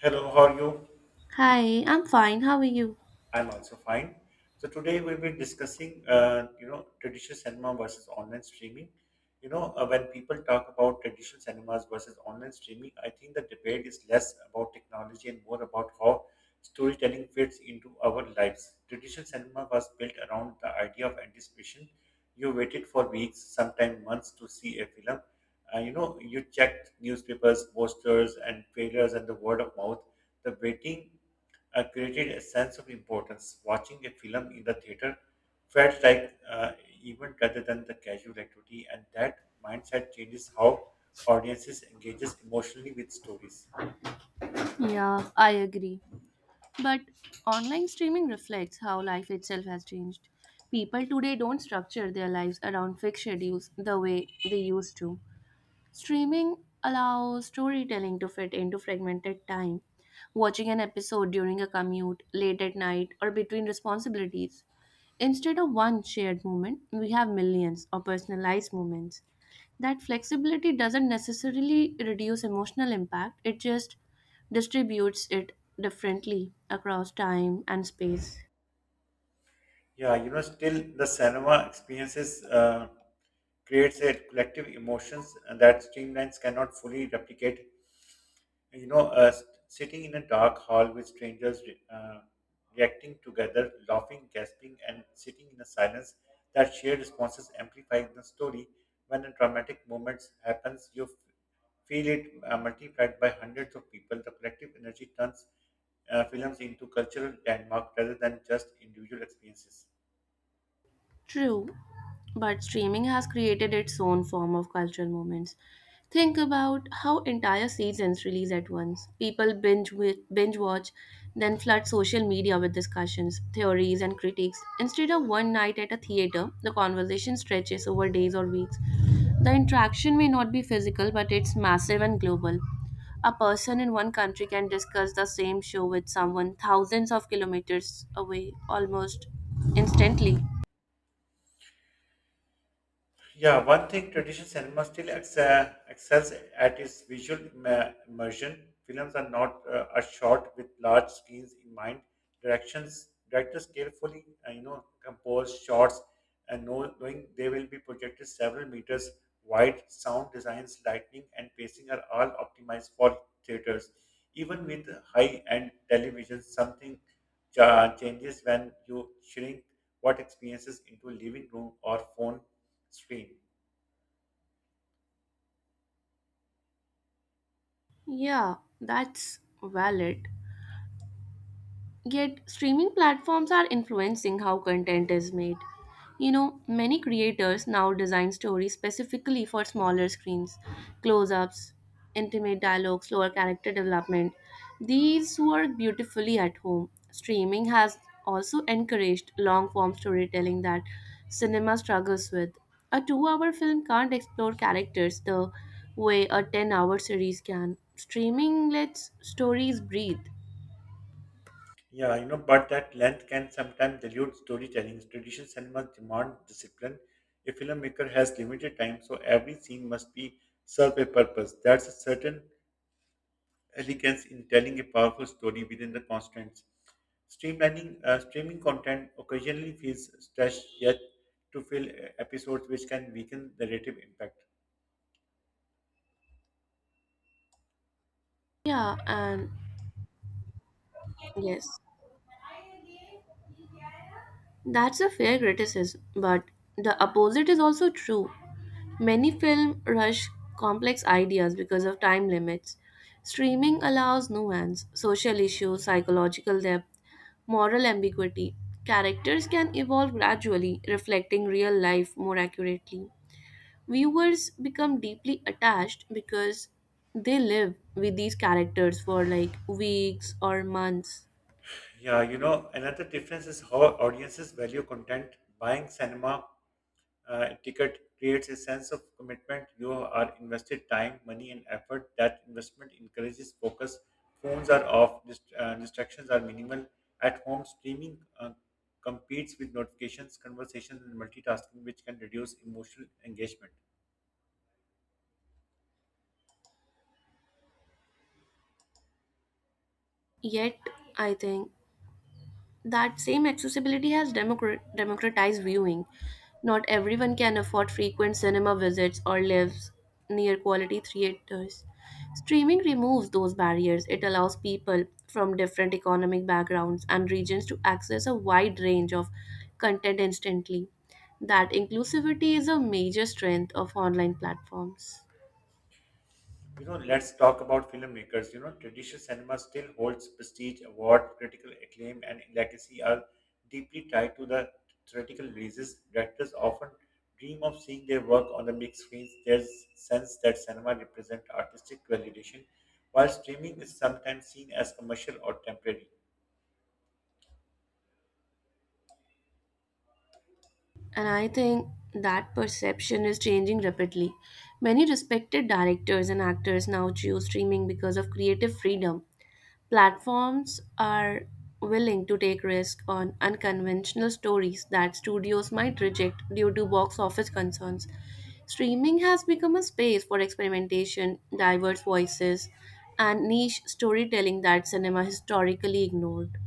Hello, how are you? Hi, I'm fine. How are you? I'm also fine. So today we'll be discussing, traditional cinema versus online streaming. When people talk about traditional cinemas versus online streaming, I think the debate is less about technology and more about how storytelling fits into our lives. Traditional cinema was built around the idea of anticipation. You waited for weeks, sometimes months, to see a film. You checked newspapers, posters, and trailers, and the word of mouth. The waiting created a sense of importance. Watching a film in the theater felt like event rather than the casual activity, and that mindset changes how audiences engages emotionally with stories. Yeah, I agree. But online streaming reflects how life itself has changed. People today don't structure their lives around fixed schedules the way they used to. Streaming allows storytelling to fit into fragmented time, watching an episode during a commute, late at night, or between responsibilities. Instead of one shared moment, we have millions of personalized moments. That flexibility doesn't necessarily reduce emotional impact, it just distributes it differently across time and space. Yeah, you know, still the cinema experiences creates a collective emotions and that streamlines cannot fully replicate. Sitting in a dark hall with strangers reacting together, laughing, gasping, and sitting in a silence, that shared responses amplify the story. When a traumatic moment happens, feel it multiplied by hundreds of people. The collective energy turns films into cultural landmark rather than just individual experiences. True. But streaming has created its own form of cultural moments. Think about how entire seasons release at once. People binge watch, then flood social media with discussions, theories, and critiques. Instead of one night at a theater, the conversation stretches over days or weeks. The interaction may not be physical, but it's massive and global. A person in one country can discuss the same show with someone thousands of kilometers away almost instantly. Yeah, one thing traditional cinema still excels at is visual immersion. Films are not are shot with large screens in mind. Directions directors carefully, compose shots, and knowing they will be projected several meters wide. Sound designs, lighting, and pacing are all optimized for theaters. Even with high-end television, something changes when you shrink what experiences into living room or phone screen. Yeah, that's valid. Yet, streaming platforms are influencing how content is made. You know, many creators now design stories specifically for smaller screens, close ups, intimate dialogue, slower character development. These work beautifully at home. Streaming has also encouraged long form storytelling that cinema struggles with. A 2-hour film can't explore characters the way a 10-hour hour series can. Streaming lets stories breathe. Yeah, you know, but that length can sometimes dilute storytelling. Traditional cinemas demand discipline. A filmmaker has limited time, so every scene must be serve a purpose. That's a certain elegance in telling a powerful story within the constraints. Streamlining streaming content occasionally feels stretched yet to fill episodes, which can weaken narrative impact. Yeah, and Yes, that's a fair criticism, but the opposite is also true. Many film rush complex ideas because of time limits. Streaming allows nuance, social issues, psychological depth, moral ambiguity. Characters can evolve gradually, reflecting real life more accurately. Viewers become deeply attached because they live with these characters for like weeks or months. Yeah, you know, another difference is how audiences value content. Buying cinema ticket creates a sense of commitment. You are invested time, money, and effort. That investment encourages focus. Phones are off, distractions are minimal. At home, streaming competes with notifications, conversations, and multitasking, which can reduce emotional engagement. Yet, I think that same accessibility has democratized viewing. Not everyone can afford frequent cinema visits or lives near quality theaters. Streaming removes those barriers. It allows people from different economic backgrounds and regions to access a wide range of content instantly. That inclusivity is a major strength of online platforms. You know, let's talk about filmmakers. You know, traditional cinema still holds prestige, award, critical acclaim, and legacy are deeply tied to the theatrical releases. Directors often dream of seeing their work on the big screens. There's sense that cinema represents artistic validation, while streaming is sometimes seen as commercial or temporary. And I think that perception is changing rapidly. Many respected directors and actors now choose streaming because of creative freedom. Platforms are willing to take risks on unconventional stories that studios might reject due to box office concerns. Streaming has become a space for experimentation, diverse voices, and niche storytelling that cinema historically ignored.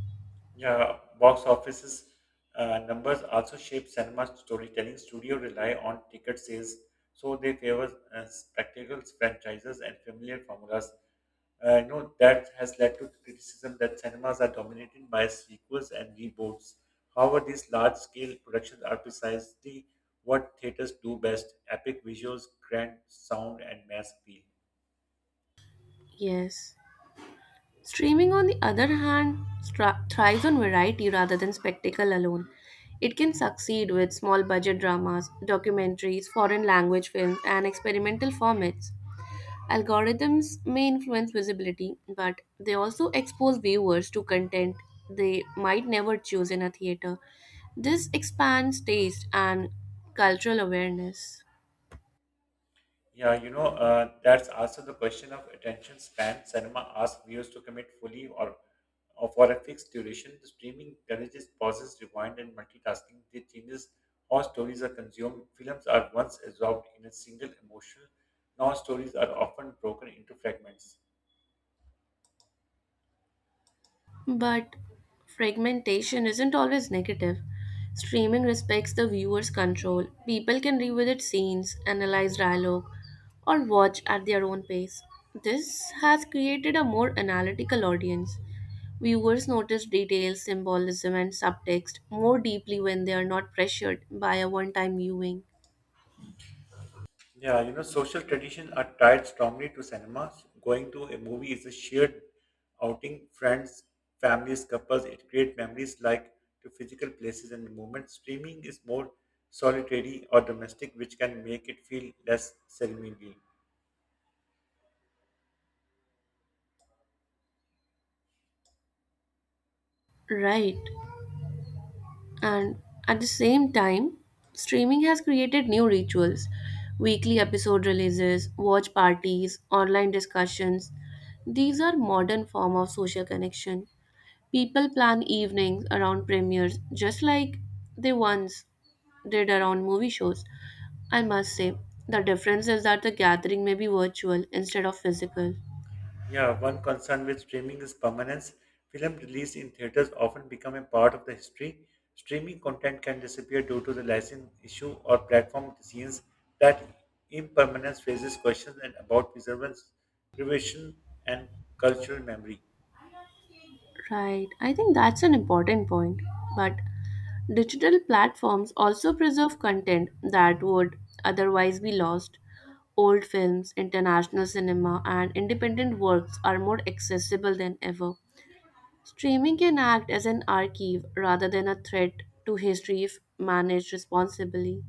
Yeah, box offices numbers also shape cinema storytelling. Studio rely on ticket sales, so they favor spectacles, franchises, and familiar formulas. That has led to criticism that cinemas are dominated by sequels and reboots. However, these large-scale productions are precisely what theaters do best: epic visuals, grand sound, and mass appeal. Yes. Streaming, on the other hand, thrives on variety rather than spectacle alone. It can succeed with small budget dramas, documentaries, foreign language films, and experimental formats. Algorithms may influence visibility, but they also expose viewers to content they might never choose in a theater. This expands taste and cultural awareness. Yeah, that's also the question of attention span. Cinema asks viewers to commit fully or for a fixed duration. The streaming encourages pauses, rewind, and multitasking. It changes how stories are consumed. Films are once absorbed in a single emotion. Now stories are often broken into fragments. But fragmentation isn't always negative. Streaming respects the viewer's control. People can revisit scenes, analyze dialogue, or watch at their own pace. This has created a more analytical audience. Viewers notice details, symbolism, and subtext more deeply when they are not pressured by a one time viewing. Yeah, you know, social traditions are tied strongly to cinema. Going to a movie is a shared outing. Friends, families, couples, it creates memories like to physical places and moments. Streaming is more solitary or domestic, which can make it feel less ceremonial. Right. And at the same time, streaming has created new rituals, weekly episode releases, watch parties, online discussions. These are modern form of social connection. People plan evenings around premieres just like they once did around movie shows. I must say, the difference is that the gathering may be virtual instead of physical. Yeah, one concern with streaming is permanence. Film released in theaters often become a part of the history. Streaming content can disappear due to the license issue or platform decisions. That impermanence raises questions and about preservation, and cultural memory. Right, I think that's an important point. But digital platforms also preserve content that would otherwise be lost. Old films, international cinema, and independent works are more accessible than ever. Streaming can act as an archive rather than a threat to history if managed responsibly.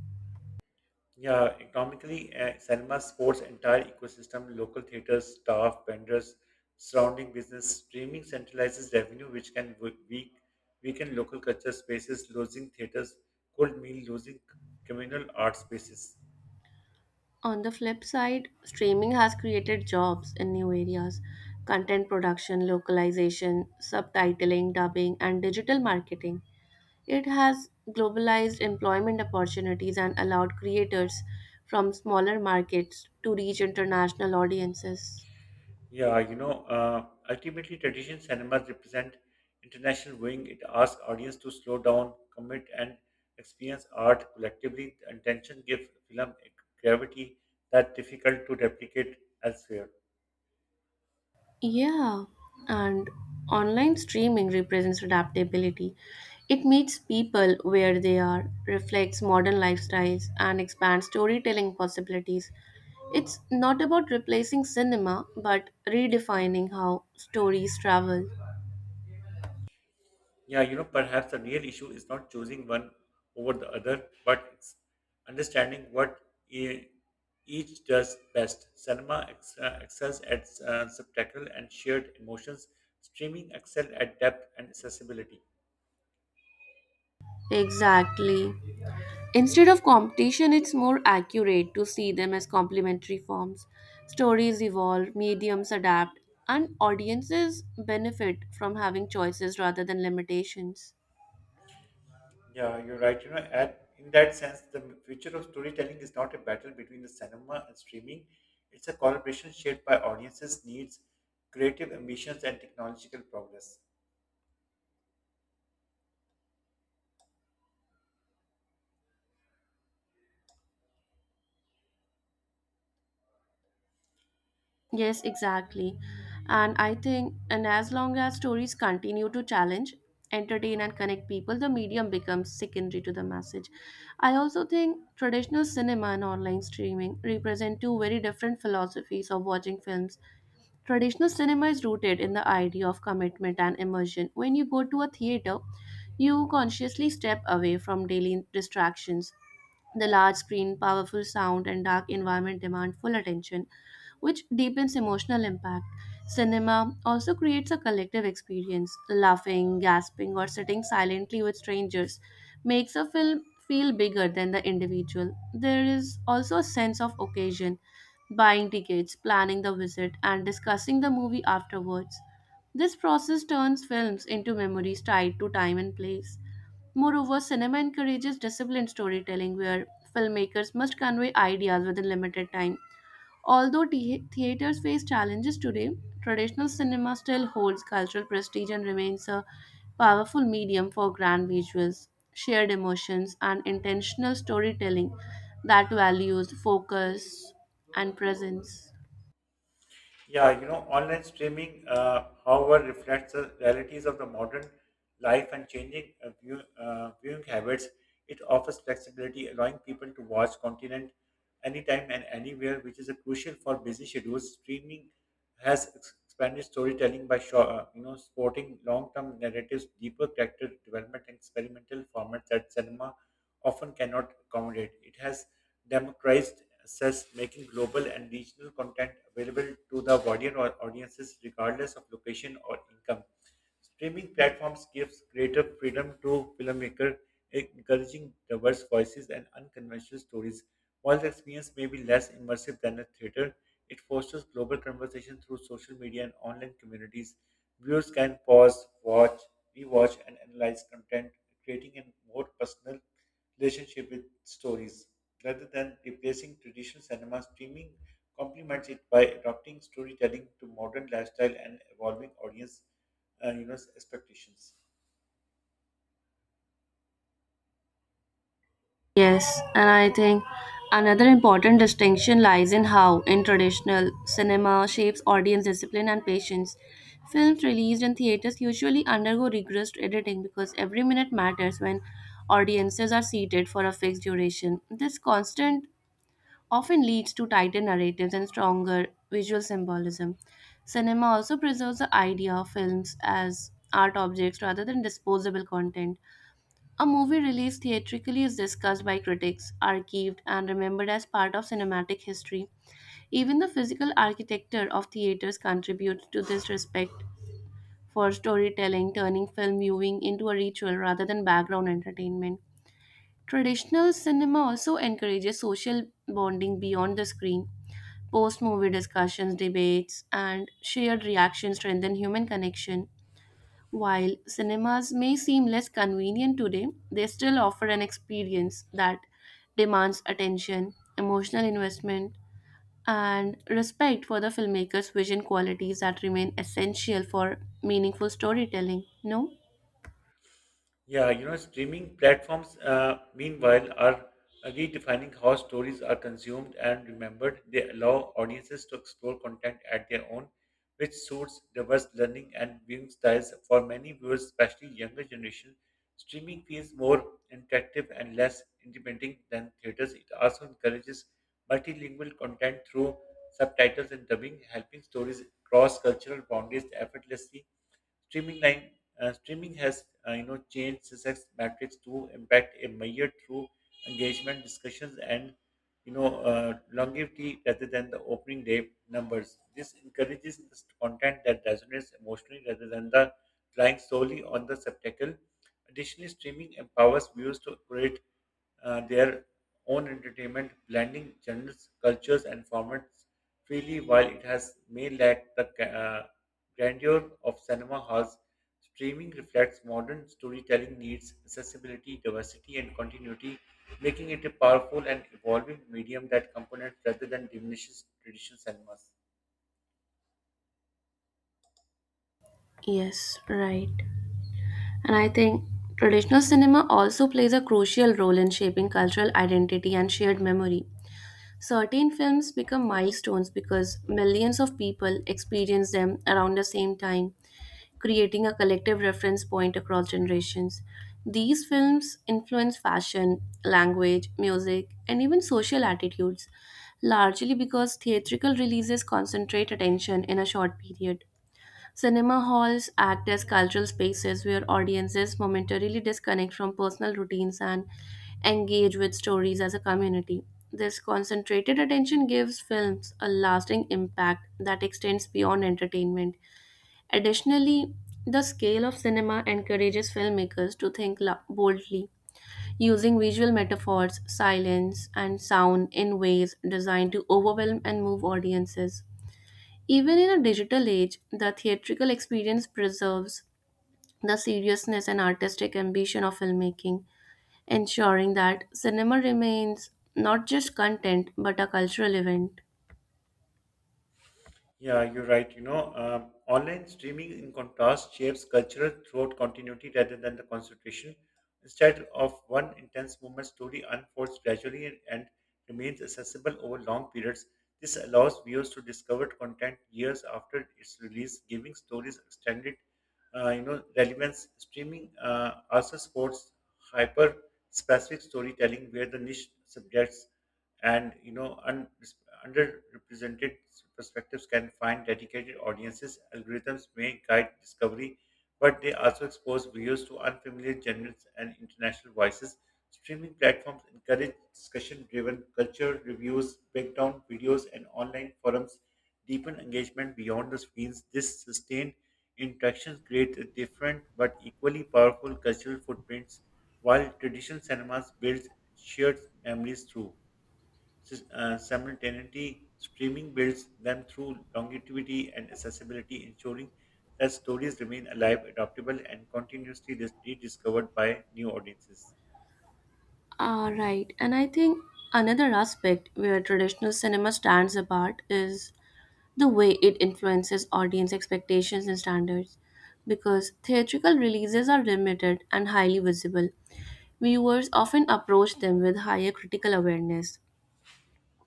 Yeah, economically, cinema supports entire ecosystem, local theaters, staff, vendors, surrounding business. Streaming centralizes revenue, which can weaken local culture spaces, losing theaters could mean losing communal art spaces. On the flip side, streaming has created jobs in new areas, content production, localization, subtitling, dubbing, and digital marketing. It has globalized employment opportunities and allowed creators from smaller markets to reach international audiences. Yeah, ultimately, traditional cinemas represent international viewing. It asks audience to slow down, commit, and experience art collectively. The intention gives film a gravity that's difficult to replicate elsewhere. Yeah, and online streaming represents adaptability. It meets people where they are, reflects modern lifestyles, and expands storytelling possibilities. It's not about replacing cinema, but redefining how stories travel. Yeah, you know, perhaps the real issue is not choosing one over the other, but it's understanding what e- each does best. Cinema excels at spectacle and shared emotions. Streaming excel at depth and accessibility. Exactly. Instead of competition, it's more accurate to see them as complementary forms. Stories evolve, mediums adapt, and audiences benefit from having choices rather than limitations. Yeah, you're right. You know, in that sense, the future of storytelling is not a battle between the cinema and streaming. It's a collaboration shaped by audiences' needs, creative ambitions, and technological progress. Yes, exactly. And I think, and as long as stories continue to challenge, entertain, and connect people, the medium becomes secondary to the message. I also think traditional cinema and online streaming represent two very different philosophies of watching films. Traditional cinema is rooted in the idea of commitment and immersion. When you go to a theater, you consciously step away from daily distractions. The large screen, powerful sound, and dark environment demand full attention, which deepens emotional impact. Cinema also creates a collective experience. Laughing, gasping, or sitting silently with strangers makes a film feel bigger than the individual. There is also a sense of occasion, buying tickets, planning the visit, and discussing the movie afterwards. This process turns films into memories tied to time and place. Moreover, cinema encourages disciplined storytelling where filmmakers must convey ideas within limited time. Although theaters face challenges today, traditional cinema still holds cultural prestige and remains a powerful medium for grand visuals, shared emotions, and intentional storytelling that values focus and presence. Yeah, you know, online streaming, however, reflects the realities of the modern life and changing viewing habits. It offers flexibility, allowing people to watch content anytime and anywhere, which is a crucial for busy schedules. Streaming has expanded storytelling by sporting long-term narratives, deeper character development, and experimental formats that cinema often cannot accommodate. It has democratized Access, making global and regional content available to the wider audiences regardless of location or income. Streaming platforms gives greater freedom to filmmakers, encouraging diverse voices and unconventional stories. While the experience may be less immersive than a theater, it fosters global conversation through social media and online communities. Viewers can pause, watch, rewatch, and analyze content, creating a more personal relationship with stories. Rather than replacing traditional cinema, streaming complements it by adopting storytelling to modern lifestyle and evolving audience expectations. Yes, and I think another important distinction lies in how, in traditional cinema, shapes audience discipline and patience. Films released in theaters usually undergo rigorous editing because every minute matters when audiences are seated for a fixed duration. This constant often leads to tighter narratives and stronger visual symbolism. Cinema also preserves the idea of films as art objects rather than disposable content. A movie released theatrically is discussed by critics, archived, and remembered as part of cinematic history. Even the physical architecture of theaters contributes to this respect for storytelling, turning film viewing into a ritual rather than background entertainment. Traditional cinema also encourages social bonding beyond the screen. Post movie discussions, debates, and shared reactions strengthen human connection. While cinemas may seem less convenient today, they still offer an experience that demands attention, emotional investment, and respect for the filmmaker's vision qualities that remain essential for meaningful storytelling. No? Yeah, you know, streaming platforms, meanwhile, are redefining how stories are consumed and remembered. They allow audiences to explore content at their own, which suits diverse learning and viewing styles. For many viewers, especially younger generation, streaming feels more interactive and less intimidating than theaters. It also encourages multilingual content through subtitles and dubbing, helping stories cross cultural boundaries effortlessly. Streaming line streaming has changed success metrics to impact a measure through engagement, discussions, and longevity rather than the opening day numbers. This encourages this content that resonates emotionally rather than the relying solely on the spectacle. Additionally, streaming empowers viewers to create their own entertainment, blending genres, cultures, and formats freely, while it has may lack the grandeur of cinema halls, streaming reflects modern storytelling needs, accessibility, diversity, and continuity, making it a powerful and evolving medium that complements rather than diminishes traditional cinemas. Yes, right. And I think traditional cinema also plays a crucial role in shaping cultural identity and shared memory. Certain films become milestones because millions of people experience them around the same time, creating a collective reference point across generations. These films influence fashion, language, music, and even social attitudes, largely because theatrical releases concentrate attention in a short period. Cinema halls act as cultural spaces where audiences momentarily disconnect from personal routines and engage with stories as a community. This concentrated attention gives films a lasting impact that extends beyond entertainment. Additionally, the scale of cinema encourages filmmakers to think boldly, using visual metaphors, silence, and sound in ways designed to overwhelm and move audiences. Even in a digital age, the theatrical experience preserves the seriousness and artistic ambition of filmmaking, ensuring that cinema remains not just content but a cultural event. Yeah, you're right. You know, online streaming, in contrast, shapes cultural throughout continuity rather than the concentration. Instead of one intense movement, story unfolds gradually and remains accessible over long periods. This allows viewers to discover content years after its release, giving stories extended, relevance. Streaming also supports hyper-specific storytelling, where the niche subjects and underrepresented perspectives can find dedicated audiences. Algorithms may guide discovery, but they also expose viewers to unfamiliar genres and international voices. Streaming platforms encourage discussion driven culture reviews, breakdown videos, and online forums deepen engagement beyond the screens. This sustained interactions create a different but equally powerful cultural footprints, while traditional cinemas builds shared memories through. Simultaneity streaming builds them through longevity and accessibility, ensuring that stories remain alive, adaptable, and continuously rediscovered by new audiences. All right, and I think another aspect where traditional cinema stands apart is the way it influences audience expectations and standards. Because theatrical releases are limited and highly visible, viewers often approach them with higher critical awareness.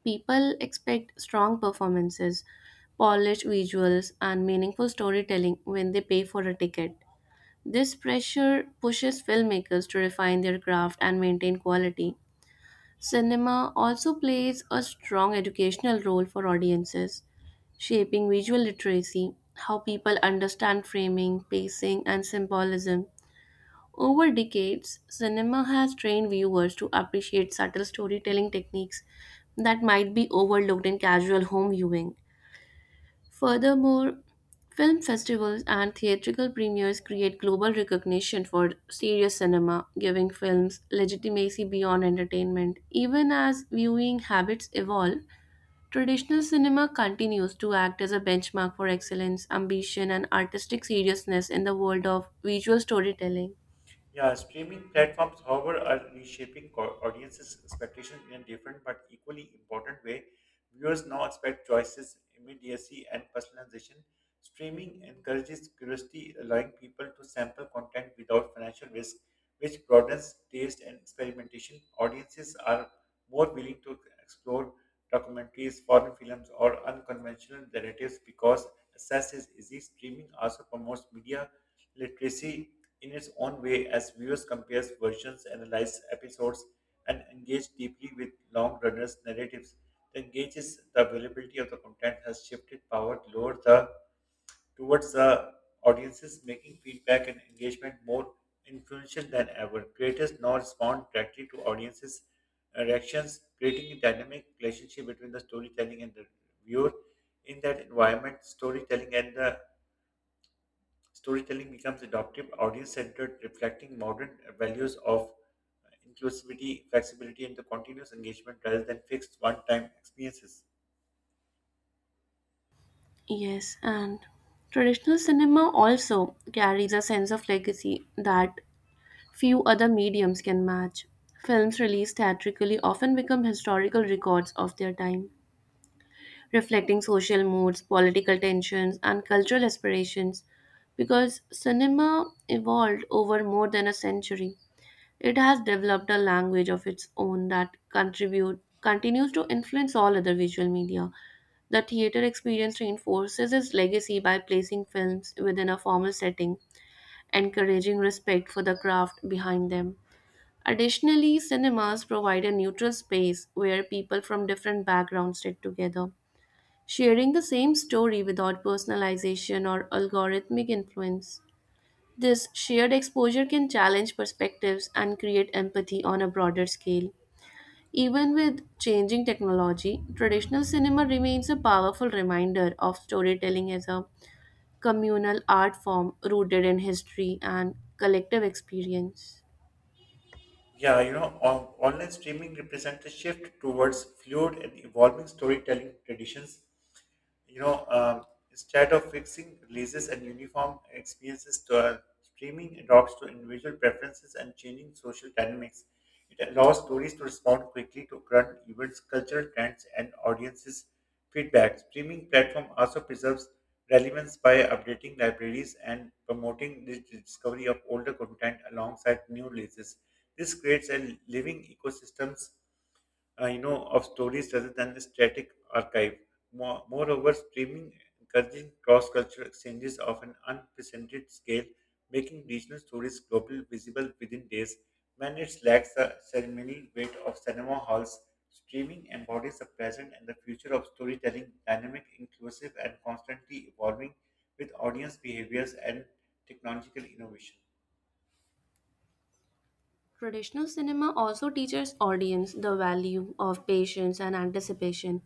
People expect strong performances, polished visuals, and meaningful storytelling when they pay for a ticket. This pressure pushes filmmakers to refine their craft and maintain quality. Cinema also plays a strong educational role for audiences, shaping visual literacy, how people understand framing, pacing, and symbolism. Over decades, cinema has trained viewers to appreciate subtle storytelling techniques that might be overlooked in casual home viewing. Furthermore, film festivals and theatrical premieres create global recognition for serious cinema, giving films legitimacy beyond entertainment. Even as viewing habits evolve, traditional cinema continues to act as a benchmark for excellence, ambition, and artistic seriousness in the world of visual storytelling. Yeah, streaming platforms, however, are reshaping audiences' expectations in a different but equally important way. Viewers now expect choices, immediacy, and personalization. Streaming encourages curiosity, allowing people to sample content without financial risk, which broadens taste and experimentation. Audiences are more willing to explore documentaries, foreign films, or unconventional narratives because access is easy. Streaming also promotes media literacy in its own way as viewers compare versions, analyze episodes, and engage deeply with long runners narratives. The availability of the content has shifted power toward the towards the audiences, making feedback and engagement more influential than ever. Creators now respond directly to audiences' reactions, creating a dynamic relationship between the storytelling and the viewer. In that environment, storytelling and the Storytelling becomes adaptive, audience centered, reflecting modern values of inclusivity, flexibility, and the continuous engagement rather than fixed one time experiences. Yes, and traditional cinema also carries a sense of legacy that few other mediums can match. Films released theatrically often become historical records of their time, reflecting social moods, political tensions, and cultural aspirations because cinema evolved over more than a century. It has developed a language of its own that contribute continues to influence all other visual media. The theater experience reinforces its legacy by placing films within a formal setting, encouraging respect for the craft behind them. Additionally, cinemas provide a neutral space where people from different backgrounds sit together, sharing the same story without personalization or algorithmic influence. This shared exposure can challenge perspectives and create empathy on a broader scale. Even with changing technology, traditional cinema remains a powerful reminder of storytelling as a communal art form rooted in history and collective experience. Yeah, online streaming represents a shift towards fluid and evolving storytelling traditions you know, um, instead of fixing releases and uniform experiences to streaming adopts to individual preferences and changing social dynamics. It allows stories to respond quickly to current events, cultural trends, and audiences' feedback. Streaming platform also preserves relevance by updating libraries and promoting the discovery of older content alongside new releases. This creates a living ecosystems of stories rather than a static archive. Moreover, streaming encouraging cross-cultural exchanges of an unprecedented scale, making regional stories global visible within days. When it lacks the ceremonial weight of cinema halls, streaming embodies the present and the future of storytelling, dynamic, inclusive, and constantly evolving with audience behaviors and technological innovation. Traditional cinema also teaches audience the value of patience and anticipation,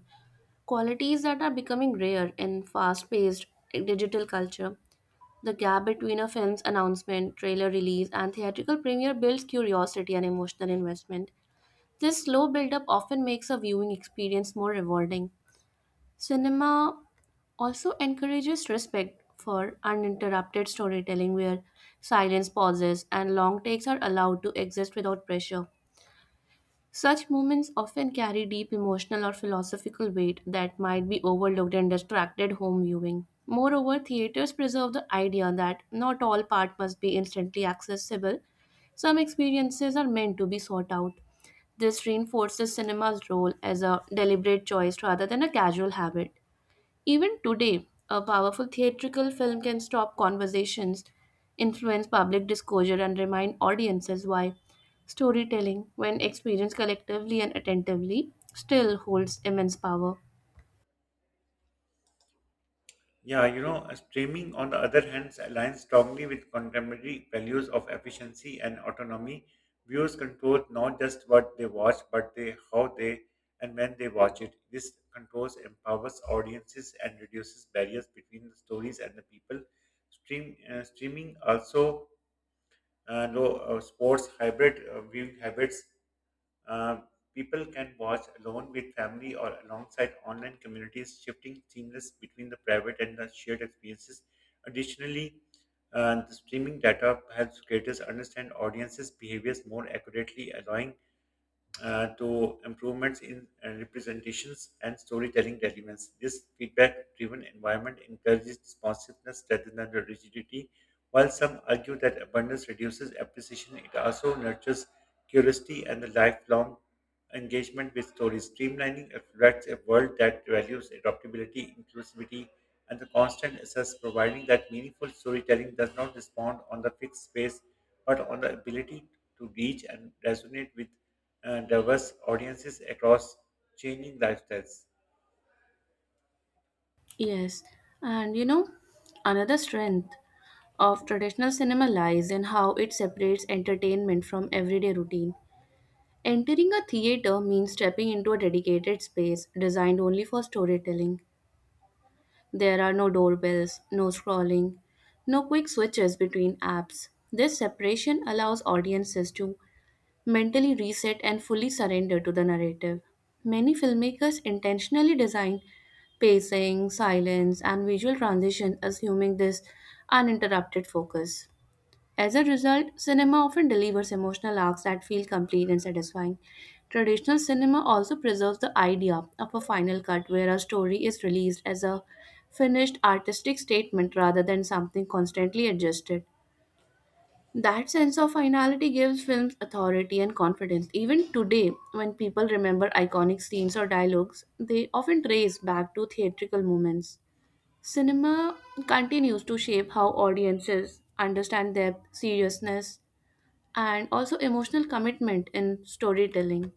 qualities that are becoming rare in fast paced digital culture. The gap between a film's announcement, trailer release, and theatrical premiere builds curiosity and emotional investment. This slow build-up often makes a viewing experience more rewarding. Cinema also encourages respect for uninterrupted storytelling where silence pauses and long takes are allowed to exist without pressure. Such movements often carry deep emotional or philosophical weight that might be overlooked in distracted home viewing. Moreover, theaters preserve the idea that not all part must be instantly accessible. Some experiences are meant to be sought out. This reinforces cinema's role as a deliberate choice rather than a casual habit. Even today, a powerful theatrical film can stop conversations, influence public discourse, and remind audiences why storytelling, when experienced collectively and attentively, still holds immense power. Yeah, streaming, on the other hand, aligns strongly with contemporary values of efficiency and autonomy. Viewers control not just what they watch, but they how they and when they watch it. This controls empowers audiences and reduces barriers between the stories and the people. Streaming also sports hybrid viewing habits uh, people can watch alone with family or alongside online communities, shifting seamless between the private and the shared experiences. Additionally, the streaming data helps creators understand audiences' behaviors more accurately, allowing to improvements in representations and storytelling relevance. This feedback-driven environment encourages responsiveness rather than the rigidity. While some argue that abundance reduces appreciation, it also nurtures curiosity and the lifelong engagement with stories. Streamlining reflects a world that values adaptability, inclusivity, and the constant access, providing that meaningful storytelling does not respond on the fixed space but on the ability to reach and resonate with diverse audiences across changing lifestyles. Yes, and you know, another strength of traditional cinema lies in how it separates entertainment from everyday routine. Entering a theater means stepping into a dedicated space designed only for storytelling. There are no doorbells, no scrolling, no quick switches between apps. This separation allows audiences to mentally reset and fully surrender to the narrative. Many filmmakers intentionally design pacing, silence, and visual transition assuming this uninterrupted focus. As a result, cinema often delivers emotional arcs that feel complete and satisfying. Traditional cinema also preserves the idea of a final cut where a story is released as a finished artistic statement rather than something constantly adjusted. That sense of finality gives films authority and confidence. Even today, when people remember iconic scenes or dialogues, they often trace back to theatrical moments. Cinema continues to shape how audiences understand depth, seriousness, and also emotional commitment in storytelling.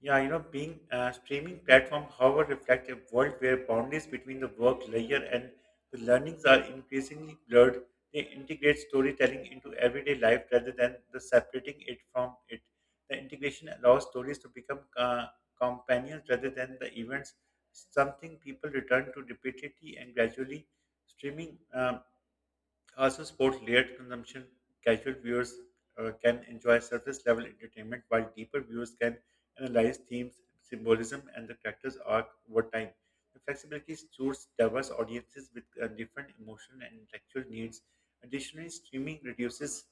Yeah, you know, being a streaming platform, however, reflect a world where boundaries between the work layer and the learnings are increasingly blurred. They integrate storytelling into everyday life rather than the separating it from it. The integration allows stories to become companions rather than the events, something people return to repeatedly and gradually. Streaming also, sport layered consumption. Casual viewers can enjoy surface level entertainment, while deeper viewers can analyze themes, symbolism, and the character's arc over time. The flexibility suits diverse audiences with different emotional and intellectual needs. Additionally, streaming reduces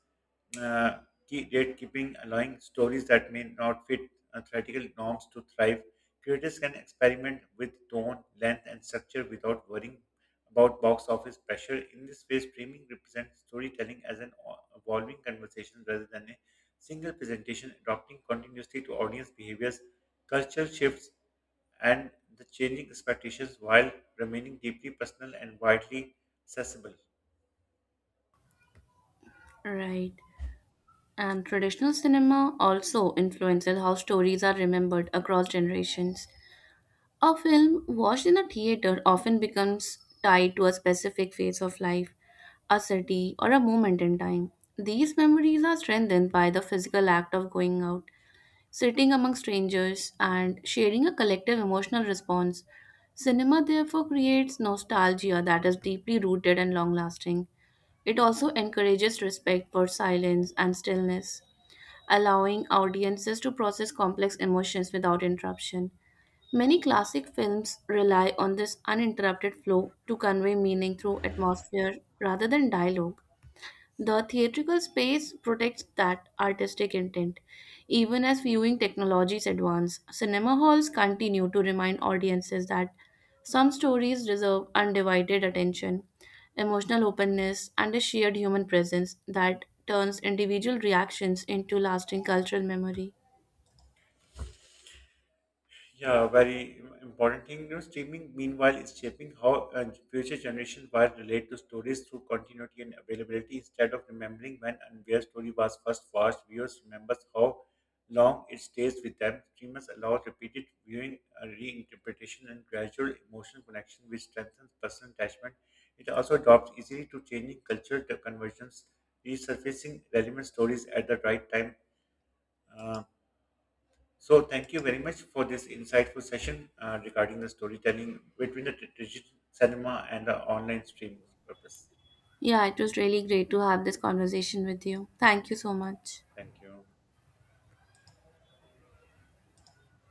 uh, key gatekeeping, allowing stories that may not fit theoretical norms to thrive. Creators can experiment with tone, length, and structure without worrying about box office pressure. In this way, streaming represents storytelling as an evolving conversation rather than a single presentation, adapting continuously to audience behaviors, culture shifts, and the changing expectations while remaining deeply personal and widely accessible. Right. And traditional cinema also influences how stories are remembered across generations. A film watched in a theater often becomes tied to a specific phase of life, a city, or a moment in time. These memories are strengthened by the physical act of going out, sitting among strangers, and sharing a collective emotional response. Cinema therefore creates nostalgia that is deeply rooted and long lasting. It also encourages respect for silence and stillness, allowing audiences to process complex emotions without interruption. Many classic films rely on this uninterrupted flow to convey meaning through atmosphere rather than dialogue. The theatrical space protects that artistic intent. Even as viewing technologies advance, cinema halls continue to remind audiences that some stories deserve undivided attention, emotional openness, and a shared human presence that turns individual reactions into lasting cultural memory. Yeah, very important thing. You know, streaming meanwhile is shaping how future generations will relate to stories through continuity and availability. Instead of remembering when and where story was first watched, viewers remembers how long it stays with them. Streamers allow repeated viewing, reinterpretation, and gradual emotional connection, which strengthens personal attachment. It also adopts easily to changing cultural conversions, resurfacing relevant stories at the right time. Uh, so, thank you very much for this insightful session regarding the storytelling between the traditional cinema and the online streaming purpose. Yeah, it was really great to have this conversation with you. Thank you so much. Thank you.